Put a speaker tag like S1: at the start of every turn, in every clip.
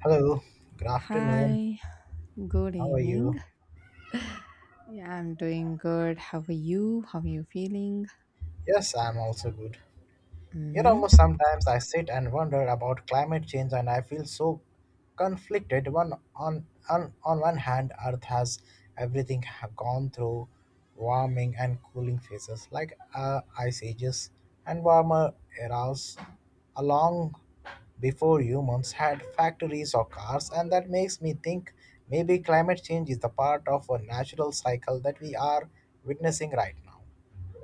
S1: Hello, good afternoon.
S2: Hi, good
S1: How are
S2: evening.
S1: you?
S2: Yeah, I'm doing good. How are you? How are you feeling?
S1: Yes, I'm also good. You know,
S2: Mhm.
S1: sometimes I sit and wonder about climate change and I feel so conflicted. On one hand, Earth has everything have gone through warming and cooling phases like ice ages and warmer eras along before humans had factories or cars, and that makes me think maybe climate change is the part of a natural cycle that we are witnessing right now.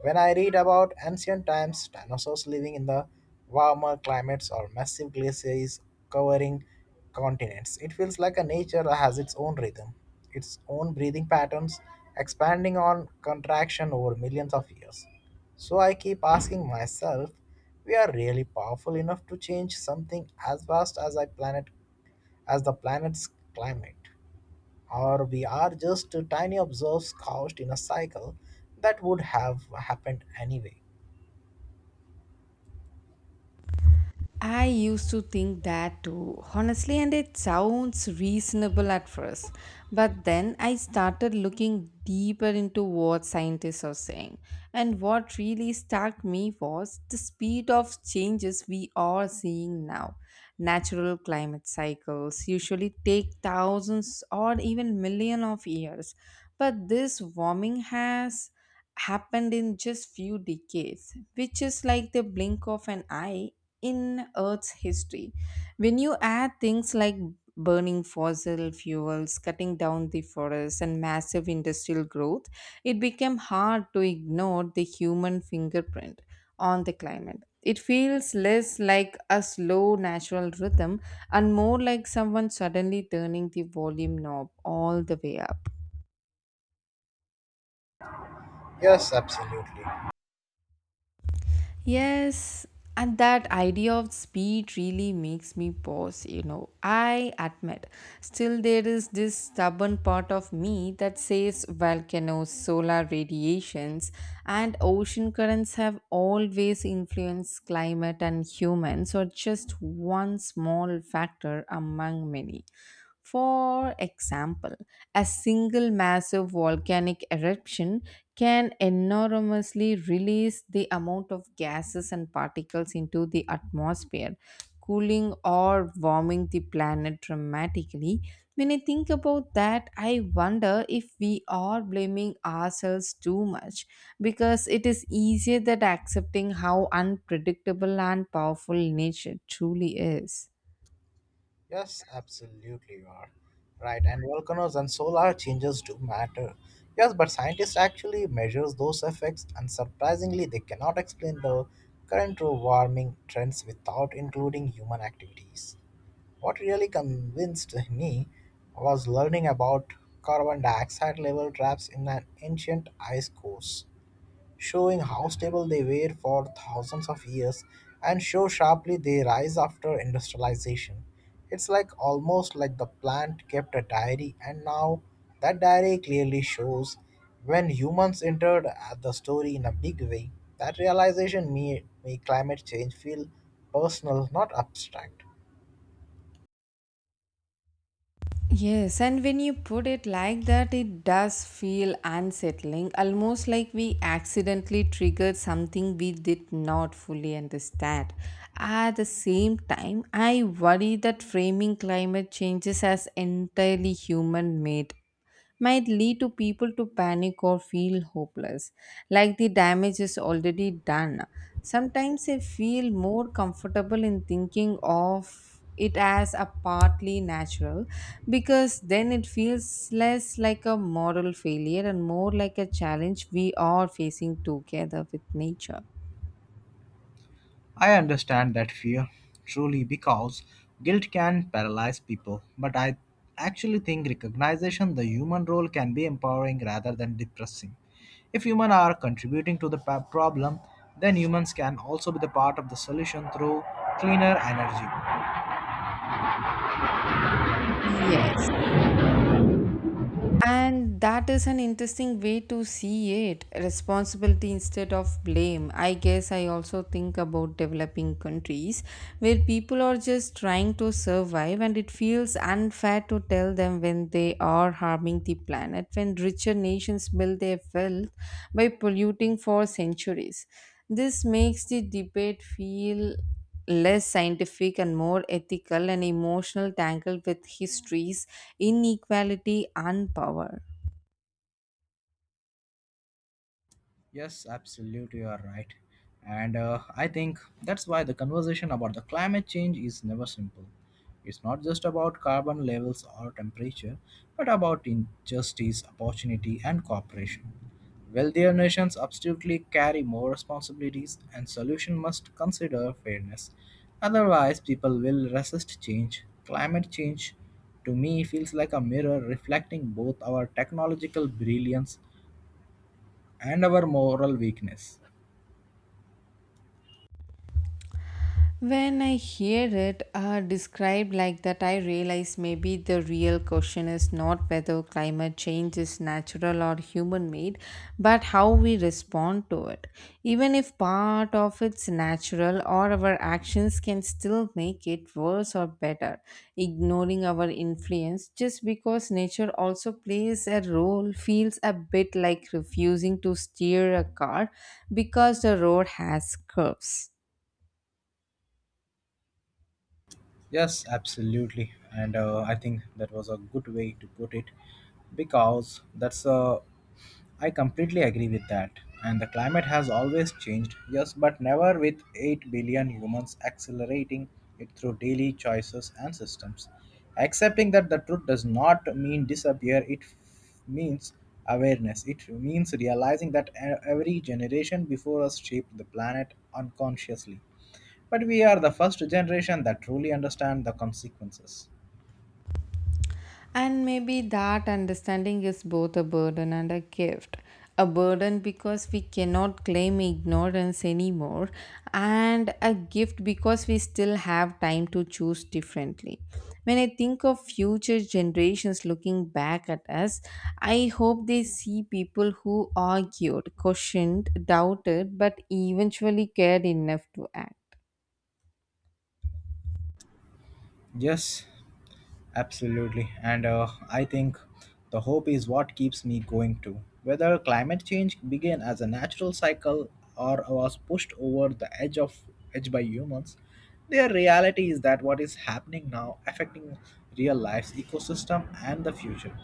S1: When I read about ancient times, dinosaurs living in the warmer climates or massive glaciers covering continents, it feels like a nature has its own rhythm, its own breathing patterns, expanding on contraction over millions of years. So I keep asking myself, we are really powerful enough to change something as vast as I planet as the planet's climate, or we are just tiny observes couched in a cycle that would have happened anyway.
S2: I used to think that too, honestly, and it sounds reasonable at first. But then I started looking deeper into what scientists are saying. And what really struck me was the speed of changes we are seeing now. Natural climate cycles usually take thousands or even millions of years, but this warming has happened in just few decades, which is like the blink of an eye in earth's history. When you add things like burning fossil fuels, cutting down the forests, and massive industrial growth, it became hard to ignore the human fingerprint on the climate. It feels less like a slow natural rhythm and more like someone suddenly turning the volume knob all the way up.
S1: Yes, absolutely.
S2: Yes, and that idea of speed really makes me pause, you know. I admit, still there is this stubborn part of me that says volcanoes, solar radiations, and ocean currents have always influenced climate and humans, or just one small factor among many. For example, a single massive volcanic eruption can enormously release the amount of gases and particles into the atmosphere, cooling or warming the planet dramatically. When I think about that, I wonder if we are blaming ourselves too much because it is easier than accepting how unpredictable and powerful nature truly is.
S1: Yes, absolutely you are. Right, and volcanoes and solar changes do matter. Yes, but scientists actually measures those effects and surprisingly they cannot explain the current warming trends without including human activities. What really convinced me was learning about carbon dioxide level traps in an ancient ice cores, showing how stable they were for thousands of years and show sharply they rise after industrialization. It's like almost like the plant kept a diary, and now that diary clearly shows when humans entered at the story in a big way. That realization made climate change feel personal, not abstract.
S2: Yes, and when you put it like that, it does feel unsettling, almost like we accidentally triggered something we did not fully understand. At the same time, I worry that framing climate changes as entirely human made might lead to people to panic or feel hopeless, like the damage is already done. Sometimes I feel more comfortable in thinking of it as a partly natural, because then it feels less like a moral failure and more like a challenge we are facing together with nature.
S1: I understand that fear, truly, because guilt can paralyze people. But I actually think recognition the human role can be empowering rather than depressing. If humans are contributing to the problem, then humans can also be the part of the solution through cleaner energy.
S2: Yes. And that is an interesting way to see it, responsibility instead of blame. I guess I also think about developing countries where people are just trying to survive, and it feels unfair to tell them when they are harming the planet, when richer nations build their wealth by polluting for centuries. This makes the debate feel less scientific and more ethical and emotional, tangled with histories, inequality, and power.
S1: Yes, absolutely, you are right. And I think that's why the conversation about the climate change is never simple. It's not just about carbon levels or temperature, but about injustice, opportunity, and cooperation. Wealthier nations absolutely carry more responsibilities, and solution must consider fairness. Otherwise, people will resist change. Climate change, to me, feels like a mirror reflecting both our technological brilliance and our moral weakness.
S2: When I hear it described like that, I realize maybe the real question is not whether climate change is natural or human made, but how we respond to it. Even if part of it's natural, or our actions can still make it worse or better, ignoring our influence just because nature also plays a role feels a bit like refusing to steer a car because the road has curves.
S1: Yes, absolutely. And I think that was a good way to put it because that's a. I completely agree with that. And the climate has always changed, yes, but never with 8 billion humans accelerating it through daily choices and systems. Accepting that the truth does not mean disappear, means awareness. It means realizing that every generation before us shaped the planet unconsciously. But we are the first generation that truly understand the consequences.
S2: And maybe that understanding is both a burden and a gift. A burden because we cannot claim ignorance anymore, and a gift because we still have time to choose differently. When I think of future generations looking back at us, I hope they see people who argued, questioned, doubted, but eventually cared enough to act.
S1: Yes, absolutely. And I think the hope is what keeps me going too. Whether climate change began as a natural cycle or was pushed over the edge of edge by humans, their reality is that what is happening now affecting real life's ecosystem and the future.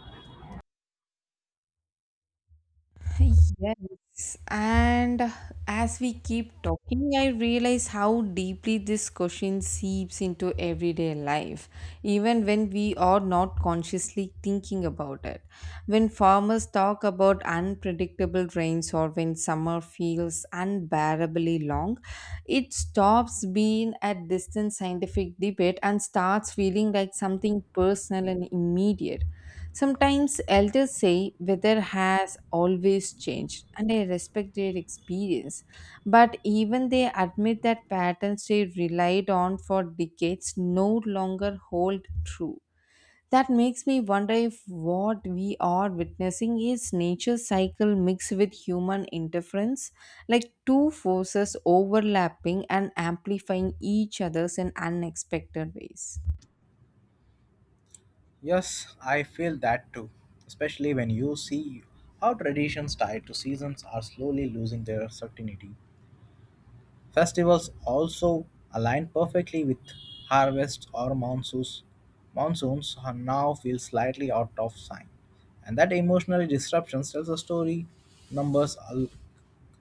S2: Yes, and as we keep talking, I realize how deeply this question seeps into everyday life, even when we are not consciously thinking about it. When farmers talk about unpredictable rains or when summer feels unbearably long, it stops being a distant scientific debate and starts feeling like something personal and immediate. Sometimes elders say weather has always changed, and I respect their experience. But even they admit that patterns they relied on for decades no longer hold true. That makes me wonder if what we are witnessing is nature cycle mixed with human interference, like two forces overlapping and amplifying each other's in unexpected ways.
S1: Yes, I feel that too, especially when you see how traditions tied to seasons are slowly losing their certainty. Festivals also align perfectly with harvests or monsoons. Monsoons are now feel slightly out of sync, and that emotional disruption tells a story numbers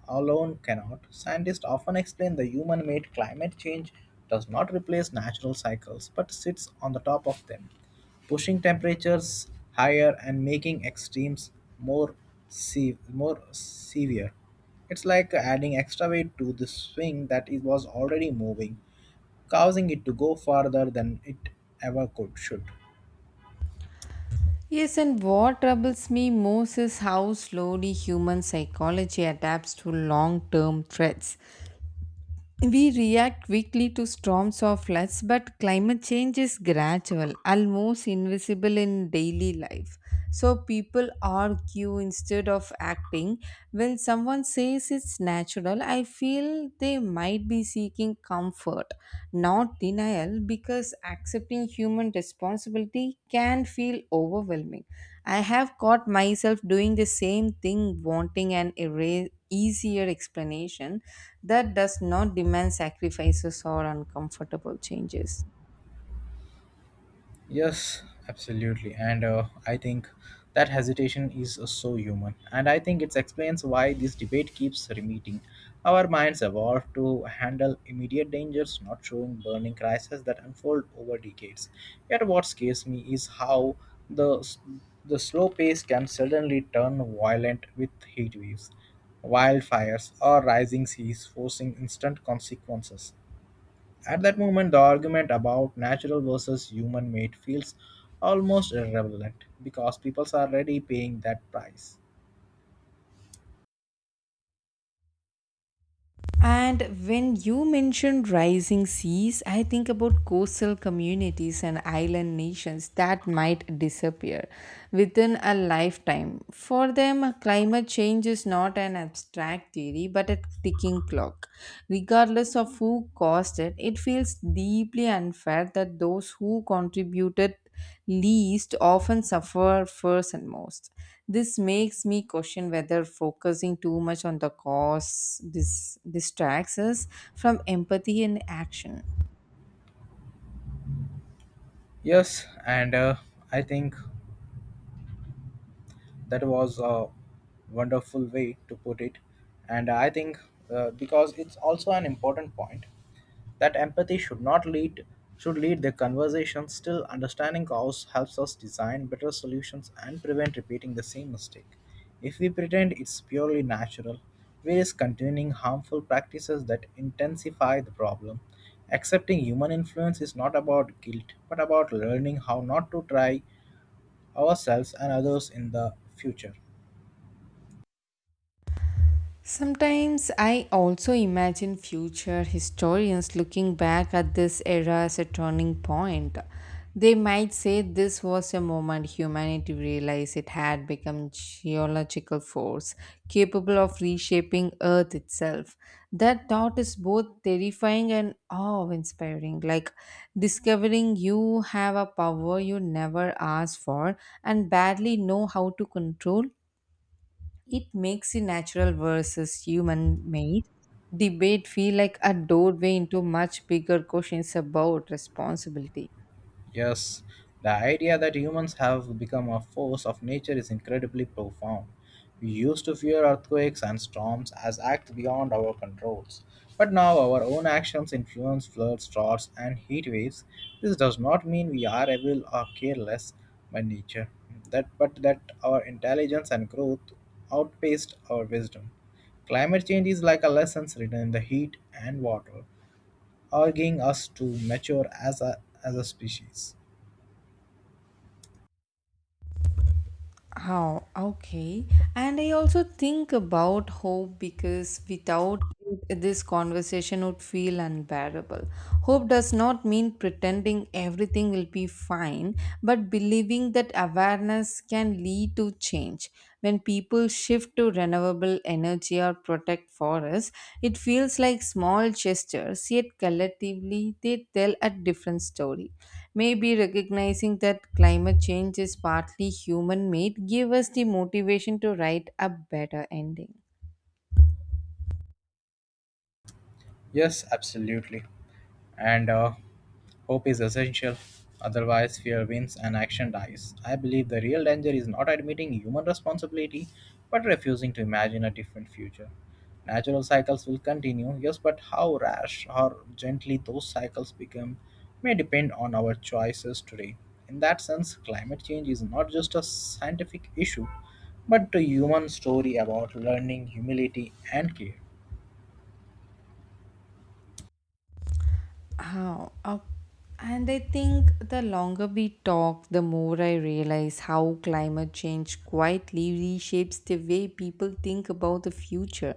S1: alone cannot. Scientists often explain the human made climate change does not replace natural cycles but sits on the top of them, pushing temperatures higher and making extremes more, more severe. It's like adding extra weight to the swing that it was already moving, causing it to go farther than it ever could should.
S2: Yes, and what troubles me most is how slowly human psychology adapts to long term threats. We react quickly to storms or floods, but climate change is gradual, almost invisible in daily life. So people argue instead of acting. When someone says it's natural, I feel they might be seeking comfort, not denial, because accepting human responsibility can feel overwhelming. I have caught myself doing the same thing, wanting an easier explanation that does not demand sacrifices or uncomfortable changes.
S1: Yes, absolutely. And I think that hesitation is so human. And I think it explains why this debate keeps repeating. Our minds evolved to handle immediate dangers, not showing burning crises that unfold over decades. Yet, what scares me is how the, s- the slow pace can suddenly turn violent with heat waves, wildfires, or rising seas, forcing instant consequences. At that moment, the argument about natural versus human made feels almost irrelevant because people are already paying that price.
S2: And when you mention rising seas, I think about coastal communities and island nations that might disappear within a lifetime. For them, climate change is not an abstract theory but a ticking clock. Regardless of who caused it, it feels deeply unfair that those who contributed least often suffer first and most. This makes me question whether focusing too much on the cause this distracts us from empathy and action.
S1: Yes, and I think that was a wonderful way to put it. And I think because it's also an important point that empathy should not lead should lead the conversation, still understanding cause helps us design better solutions and prevent repeating the same mistake. If we pretend it's purely natural, we risk continuing harmful practices that intensify the problem. Accepting human influence is not about guilt, but about learning how not to try ourselves and others in the future.
S2: Sometimes I also imagine future historians looking back at this era as a turning point. They might say this was a moment humanity realized it had become geological force capable of reshaping earth itself. That thought is both terrifying and awe-inspiring, like discovering you have a power you never asked for and badly know how to control. It makes the natural versus human made debate feel like a doorway into much bigger questions about responsibility.
S1: Yes, the idea that humans have become a force of nature is incredibly profound. We used to fear earthquakes and storms as acts beyond our controls. But now our own actions influence floods, droughts, and heat waves. This does not mean we are evil or careless by nature, but that our intelligence and growth outpaced our wisdom. Climate change is like a lesson written in the heat and water, urging us to mature as a species.
S2: Oh, okay. And I also think about hope, because without it, this conversation would feel unbearable. Hope does not mean pretending everything will be fine, but believing that awareness can lead to change. When people shift to renewable energy or protect forests, it feels like small gestures, yet collectively they tell a different story. Maybe recognizing that climate change is partly human made give us the motivation to write a better ending.
S1: Yes, absolutely. And hope is essential. Otherwise, fear wins and action dies. I believe the real danger is not admitting human responsibility, but refusing to imagine a different future. Natural cycles will continue, yes, but how rash or gently those cycles become may depend on our choices today. In that sense, climate change is not just a scientific issue, but a human story about learning, humility, and care.
S2: How? And I think the longer we talk, the more I realize how climate change quietly reshapes the way people think about the future.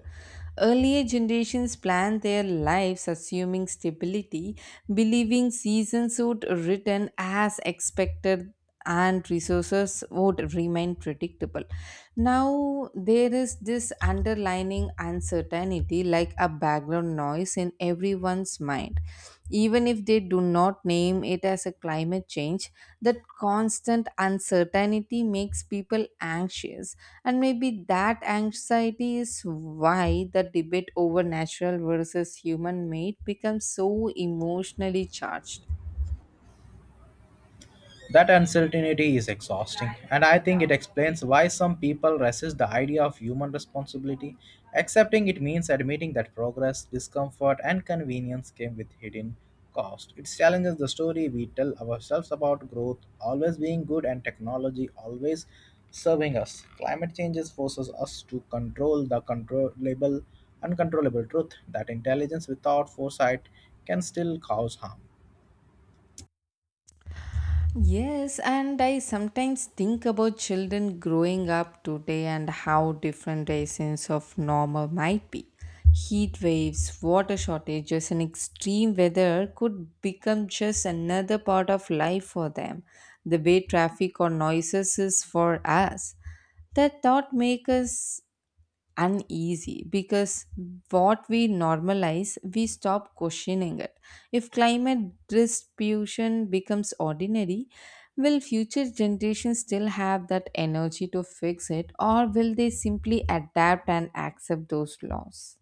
S2: Earlier generations planned their lives assuming stability, believing seasons would return as expected and resources would remain predictable. Now, there is this underlining uncertainty, like a background noise in everyone's mind. Even if they do not name it as a climate change, that constant uncertainty makes people anxious. And maybe that anxiety is why the debate over natural versus human made becomes so emotionally charged.
S1: That uncertainty is exhausting, and I think it explains why some people resist the idea of human responsibility. Accepting it means admitting that progress, discomfort, and convenience came with hidden cost. It challenges the story we tell ourselves about growth always being good and technology always serving us. Climate changes forces us to control the controllable, uncontrollable truth that intelligence without foresight can still cause harm.
S2: Yes, and I sometimes think about children growing up today and how different their sense of normal might be. Heat waves, water shortages, and extreme weather could become just another part of life for them, the way traffic or noises is for us. That thought makes us uneasy, because what we normalize, we stop questioning it. If climate distribution becomes ordinary, will future generations still have that energy to fix it, or will they simply adapt and accept those laws?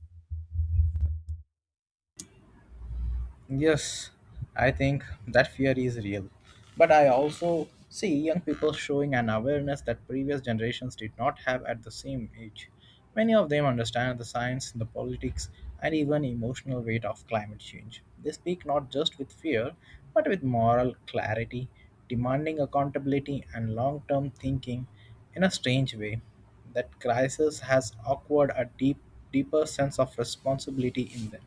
S1: Yes, I think that fear is real. But I also see young people showing an awareness that previous generations did not have at the same age. Many of them understand the science, the politics, and even emotional weight of climate change. They speak not just with fear, but with moral clarity, demanding accountability and long term thinking in a strange way. That crisis has acquired deeper sense of responsibility in them.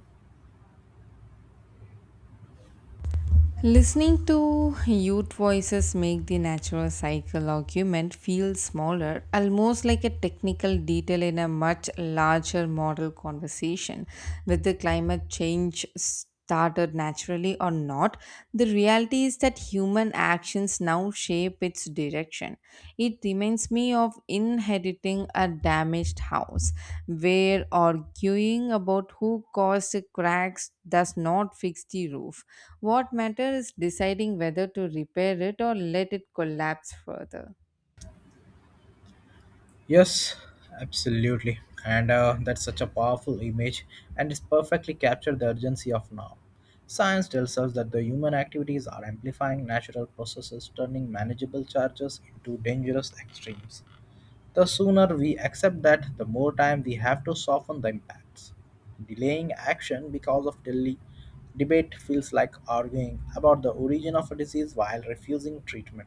S2: Listening to youth voices make the natural cycle argument feel smaller, almost like a technical detail in a much larger model conversation. Whether climate change started naturally or not, the reality is that human actions now shape its direction. It reminds me of inheriting a damaged house, where arguing about who caused the cracks does not fix the roof. What matters is deciding whether to repair it or let it collapse further.
S1: Yes, absolutely. And that's such a powerful image, and it's perfectly captured the urgency of now. Science tells us that the human activities are amplifying natural processes, turning manageable charges into dangerous extremes. The sooner we accept that, the more time we have to soften the impacts. Delaying action because of delay debate feels like arguing about the origin of a disease while refusing treatment.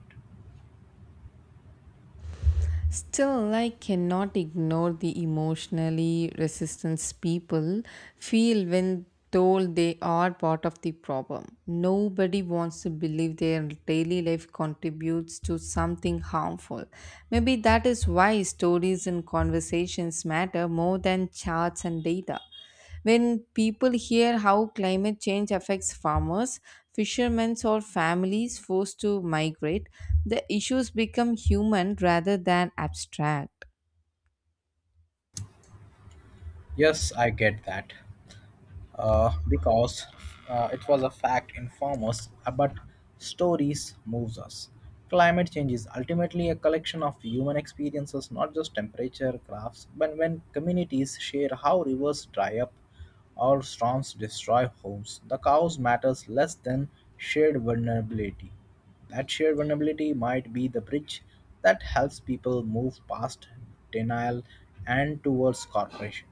S2: Still, I cannot ignore the emotionally resistance people feel when told they are part of the problem. Nobody wants to believe their daily life contributes to something harmful. Maybe that is why stories and conversations matter more than charts and data. When people hear how climate change affects farmers, fishermen, or families forced to migrate, the issues become human rather than abstract.
S1: Yes, I get that. Because it was a fact informs us, but stories moves us. Climate change is ultimately a collection of human experiences, not just temperature graphs. But when communities share how rivers dry up or storms destroy homes, the cause matters less than shared vulnerability. That shared vulnerability might be the bridge that helps people move past denial and towards cooperation.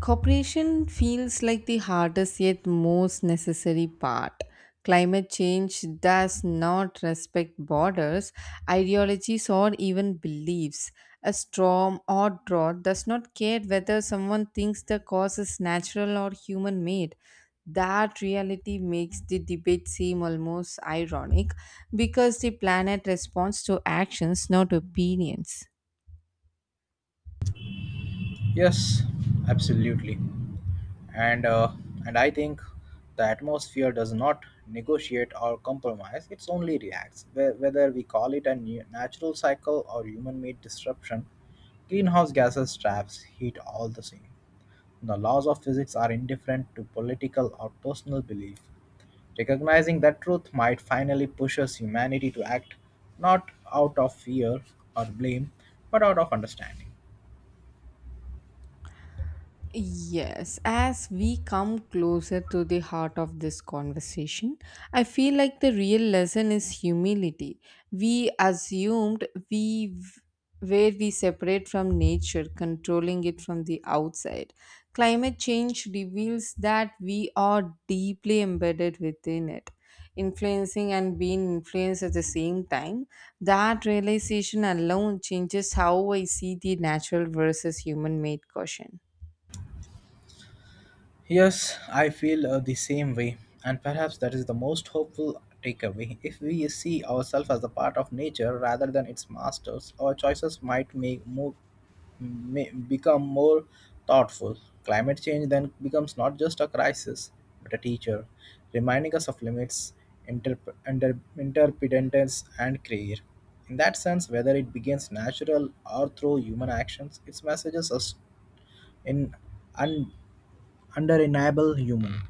S2: Cooperation feels like the hardest yet most necessary part. Climate change does not respect borders, ideologies, or even beliefs. A storm or drought does not care whether someone thinks the cause is natural or human made. That reality makes the debate seem almost ironic, because the planet responds to actions, not opinions.
S1: Yes, absolutely. And uh, and I think the atmosphere does not negotiate or compromise. It's only reacts. Whether we call it a natural cycle or human-made disruption, greenhouse gases traps heat all the same. The laws of physics are indifferent to political or personal belief. Recognizing that truth might finally push us humanity to act not out of fear or blame, but out of understanding.
S2: Yes, as we come closer to the heart of this conversation, I feel like the real lesson is humility. We assumed we where we separate from nature, controlling it from the outside. Climate change reveals that we are deeply embedded within it, influencing and being influenced at the same time. That realization alone changes how I see the natural versus human made caution.
S1: Yes, I feel the same way, and perhaps that is the most hopeful takeaway. If we see ourselves as a part of nature rather than its masters, our choices may become more thoughtful. Climate change then becomes not just a crisis, but a teacher, reminding us of limits, interdependence, and care. In that sense, whether it begins natural or through human actions, its messages us in under enable human.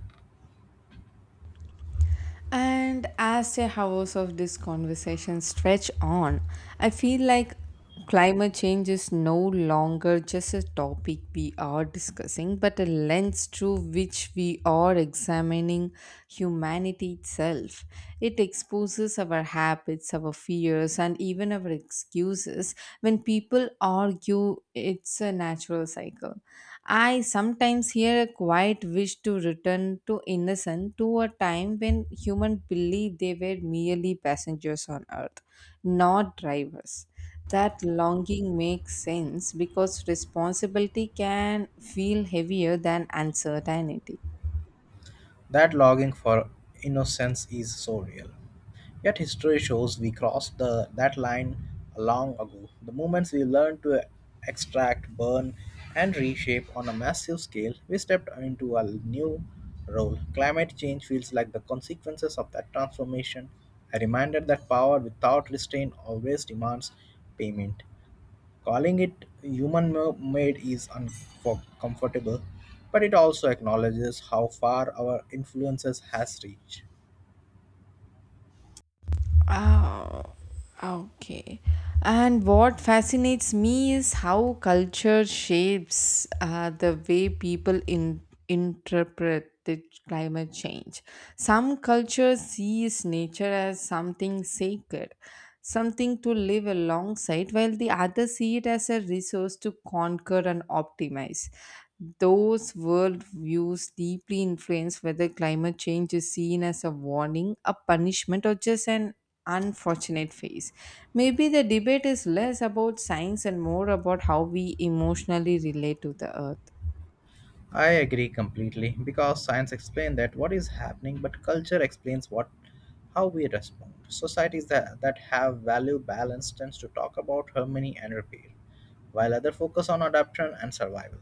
S2: And as the hours of this conversation stretch on, I feel like climate change is no longer just a topic we are discussing, but a lens through which we are examining humanity itself. It exposes our habits, our fears, and even our excuses when people argue it's a natural cycle. I sometimes hear a quiet wish to return to innocence, to a time when humans believed they were merely passengers on earth, not drivers. That longing makes sense, because responsibility can feel heavier than uncertainty.
S1: That longing for innocence is so real. Yet history shows we crossed that line long ago. The moments we learned to extract, burn, and reshape on a massive scale, we stepped into a new role. Climate change feels like the consequences of that transformation. A reminder that power without restraint always demands payment. Calling it human made is uncomfortable, but it also acknowledges how far our influences has reached.
S2: Oh, okay. And what fascinates me is how culture shapes the way people interpret the climate change. Some cultures sees nature as something sacred, something to live alongside, while the others see it as a resource to conquer and optimize. Those worldviews deeply influence whether climate change is seen as a warning, a punishment, or just an unfortunate phase. Maybe the debate is less about science and more about how we emotionally relate to the earth.
S1: I agree completely because science explains that what is happening, but culture explains what how we respond. Societies that have value balance tends to talk about harmony and repair, while other focus on adaptation and survival.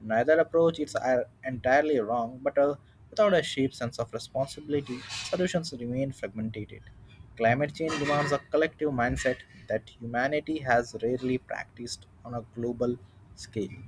S1: Neither approach is entirely wrong, but without a shared sense of responsibility, solutions remain fragmented. Climate change demands a collective mindset that humanity has rarely practiced on a global scale.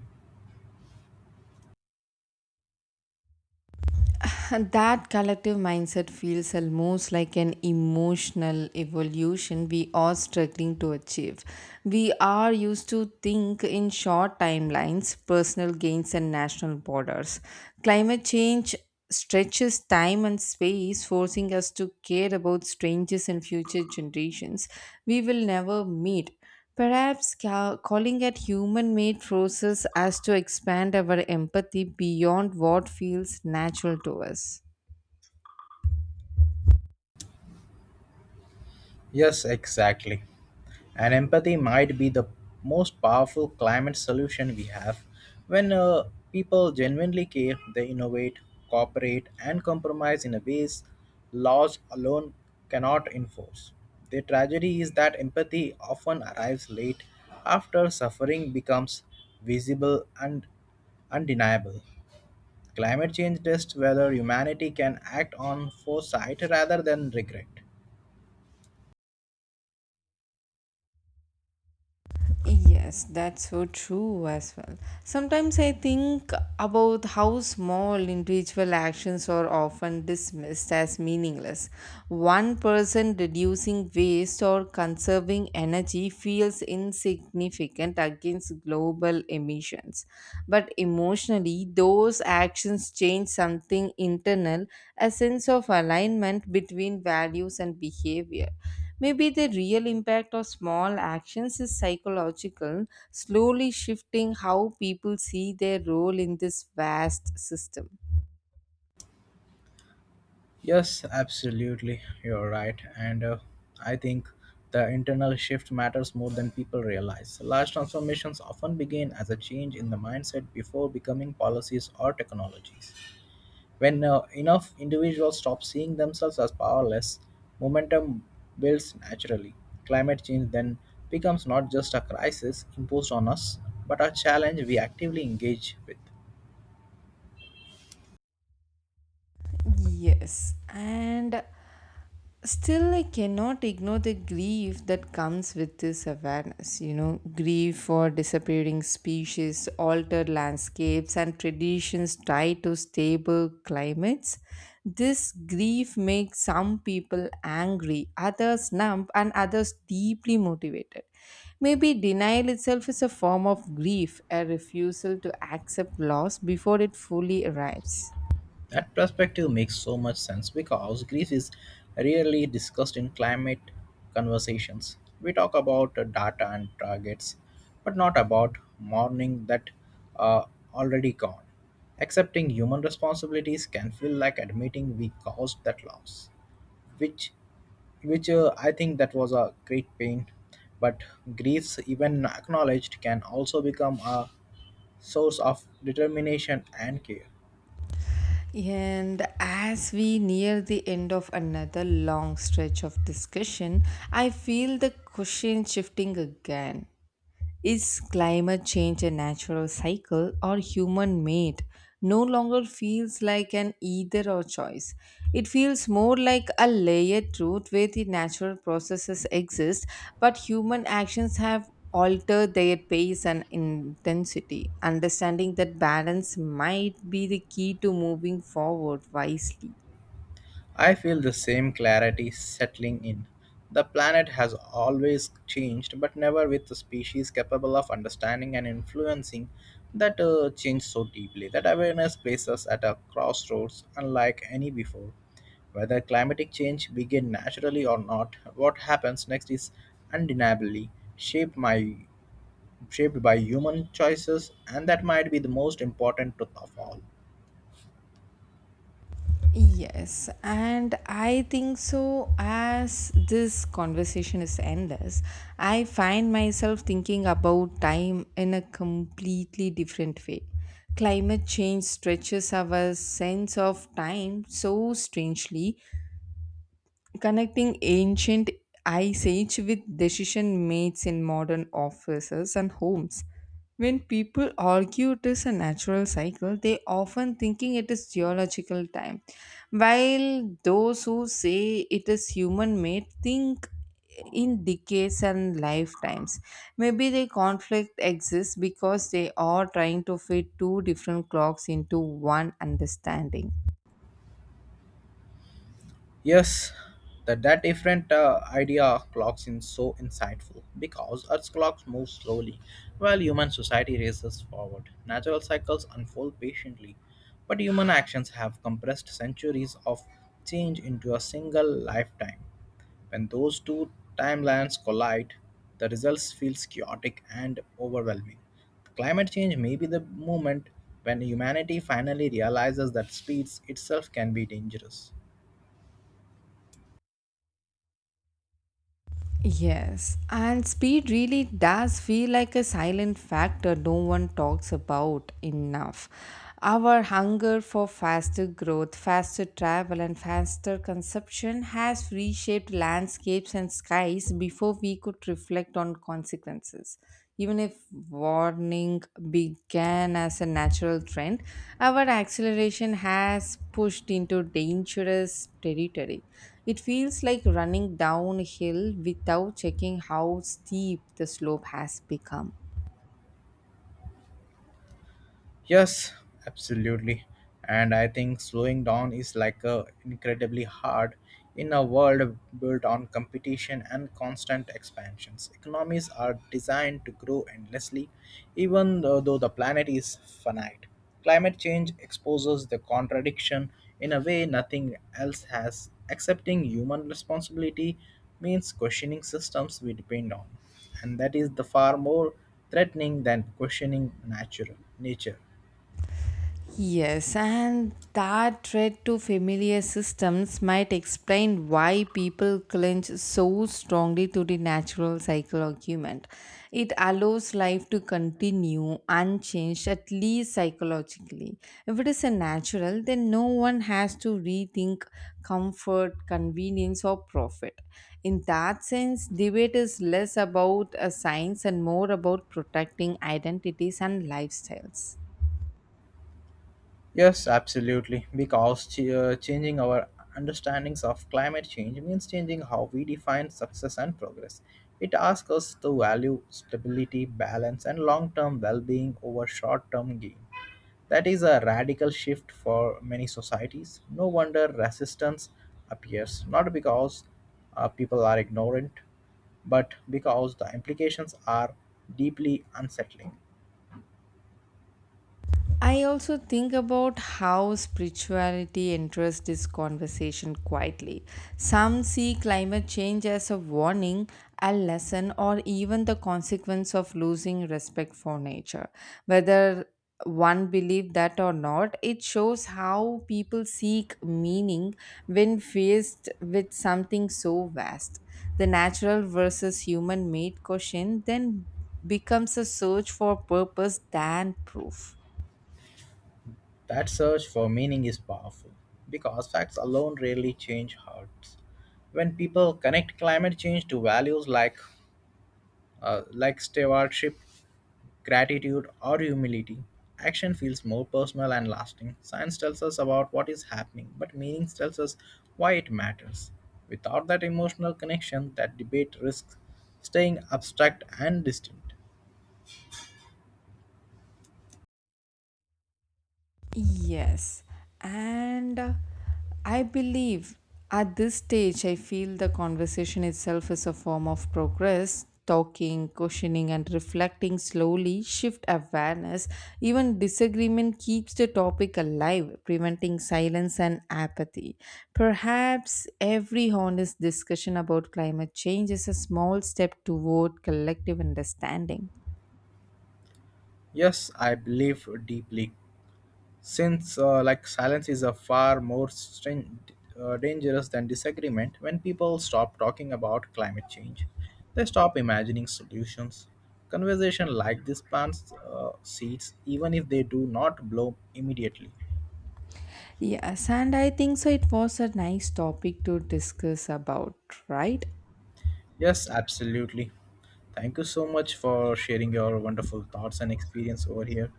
S2: And that collective mindset feels almost like an emotional evolution we are struggling to achieve. We are used to think in short timelines, personal gains, and national borders. Climate change stretches time and space, forcing us to care about strangers and future generations we will never meet. Perhaps calling it human made process as to expand our empathy beyond what feels natural to us.
S1: Yes, exactly. And empathy might be the most powerful climate solution we have. When people genuinely care, they innovate, cooperate, and compromise in a ways laws alone cannot enforce. The tragedy is that empathy often arrives late after suffering becomes visible and undeniable. Climate change tests whether humanity can act on foresight rather than regret.
S2: Yes, that's so true as well. Sometimes I think about how small individual actions are often dismissed as meaningless. One person reducing waste or conserving energy feels insignificant against global emissions. But emotionally, those actions change something internal, a sense of alignment between values and behavior. Maybe the real impact of small actions is psychological, slowly shifting how people see their role in this vast system.
S1: Yes, absolutely. You're right. And I think the internal shift matters more than people realize. Large transformations often begin as a change in the mindset before becoming policies or technologies. When enough individuals stop seeing themselves as powerless, momentum builds naturally. Climate change then becomes not just a crisis imposed on us, but a challenge we actively engage with.
S2: Yes, and still, I cannot ignore the grief that comes with this awareness. Grief for disappearing species, altered landscapes, and traditions tied to stable climates. This grief makes some people angry, others numb, and others deeply motivated. Maybe denial itself is a form of grief, a refusal to accept loss before it fully arrives.
S1: That perspective makes so much sense because Greece is rarely discussed in climate conversations. We talk about data and targets, but not about mourning that are already gone. Accepting human responsibilities can feel like admitting we caused that loss, which, which, I think that was a great pain. But griefs, even acknowledged, can also become a source of determination and care.
S2: And as we near the end of another long stretch of discussion, I feel the question shifting again. Is climate change a natural cycle or human made? No longer feels like an either or choice. It feels more like a layered truth where the natural processes exist, but human actions have altered their pace and intensity. Understanding that balance might be the key to moving forward wisely.
S1: I feel the same clarity settling in. The planet has always changed, but never with a species capable of understanding and influencing that change so deeply. That awareness places us at a crossroads unlike any before. Whether climatic change begin naturally or not, what happens next is undeniably shaped by, shaped by human choices, and that might be the most important truth of all.
S2: Yes, and I think so. As this conversation is endless, I find myself thinking about time in a completely different way. Climate change stretches our sense of time so strangely, connecting ancient ice age with decision mates in modern offices and homes. When people argue it is a natural cycle, they often thinking it is geological time, while those who say it is human made think in decades and lifetimes. Maybe the conflict exists because they are trying to fit two different clocks into one understanding.
S1: Yes, that different idea of clocks is so insightful because Earth's clocks move slowly while human society races forward. Natural cycles unfold patiently, but human actions have compressed centuries of change into a single lifetime. When those two timelines collide, the results feels chaotic and overwhelming. Climate change may be the moment when humanity finally realizes that speeds itself can be dangerous.
S2: Yes, and speed really does feel like a silent factor no one talks about enough. Our hunger for faster growth, faster travel, and faster consumption has reshaped landscapes and skies before we could reflect on consequences. Even if warning began as a natural trend, our acceleration has pushed into dangerous territory. It feels like running downhill without checking how steep the slope has become.
S1: Yes, absolutely. And I think slowing down is like a incredibly hard in a world built on competition and constant expansions. Economies are designed to grow endlessly, even though the planet is finite. Climate change exposes the contradiction in a way nothing else has. Accepting human responsibility means questioning systems we depend on, and that is the far more threatening than questioning natural nature.
S2: Yes, and that threat to familiar systems might explain why people cling so strongly to the natural cycle argument. It allows life to continue unchanged, at least psychologically. If it is a natural, then no one has to rethink comfort, convenience, or profit. In that sense, debate is less about a science and more about protecting identities and lifestyles.
S1: Yes, absolutely. Because changing our understandings of climate change means changing how we define success and progress. It asks us to value stability, balance, and long term well being over short term gain. That is a radical shift for many societies. No wonder resistance appears, not because people are ignorant, but because the implications are deeply unsettling.
S2: I also think about how spirituality enters this conversation quietly. Some see climate change as a warning, a lesson, or even the consequence of losing respect for nature. Whether one believe that or not, it shows how people seek meaning when faced with something so vast. The natural versus human made question then becomes a search for purpose than proof.
S1: That search for meaning is powerful because facts alone rarely change hearts. When people connect climate change to values like like stewardship, gratitude, or humility, action feels more personal and lasting. Science tells us about what is happening, but meaning tells us why it matters. Without that emotional connection, that debate risks staying abstract and distant.
S2: Yes, and I believe at this stage, I feel the conversation itself is a form of progress. Talking, questioning, and reflecting slowly shift awareness. Even disagreement keeps the topic alive, preventing silence and apathy. Perhaps every honest discussion about climate change is a small step toward collective understanding.
S1: Yes, I believe deeply. Since like silence is a far more dangerous than disagreement, when people stop talking about climate change, they stop imagining solutions. Conversation like this plants seeds, even if they do not bloom immediately.
S2: Yes, and I think so. It was a nice topic to discuss about, right?
S1: Yes, absolutely. Thank you so much for sharing your wonderful thoughts and experience over here.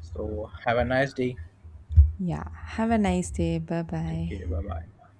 S1: So have a nice day.
S2: Yeah. Have a nice day. Bye
S1: Take
S2: bye.
S1: care. Bye bye.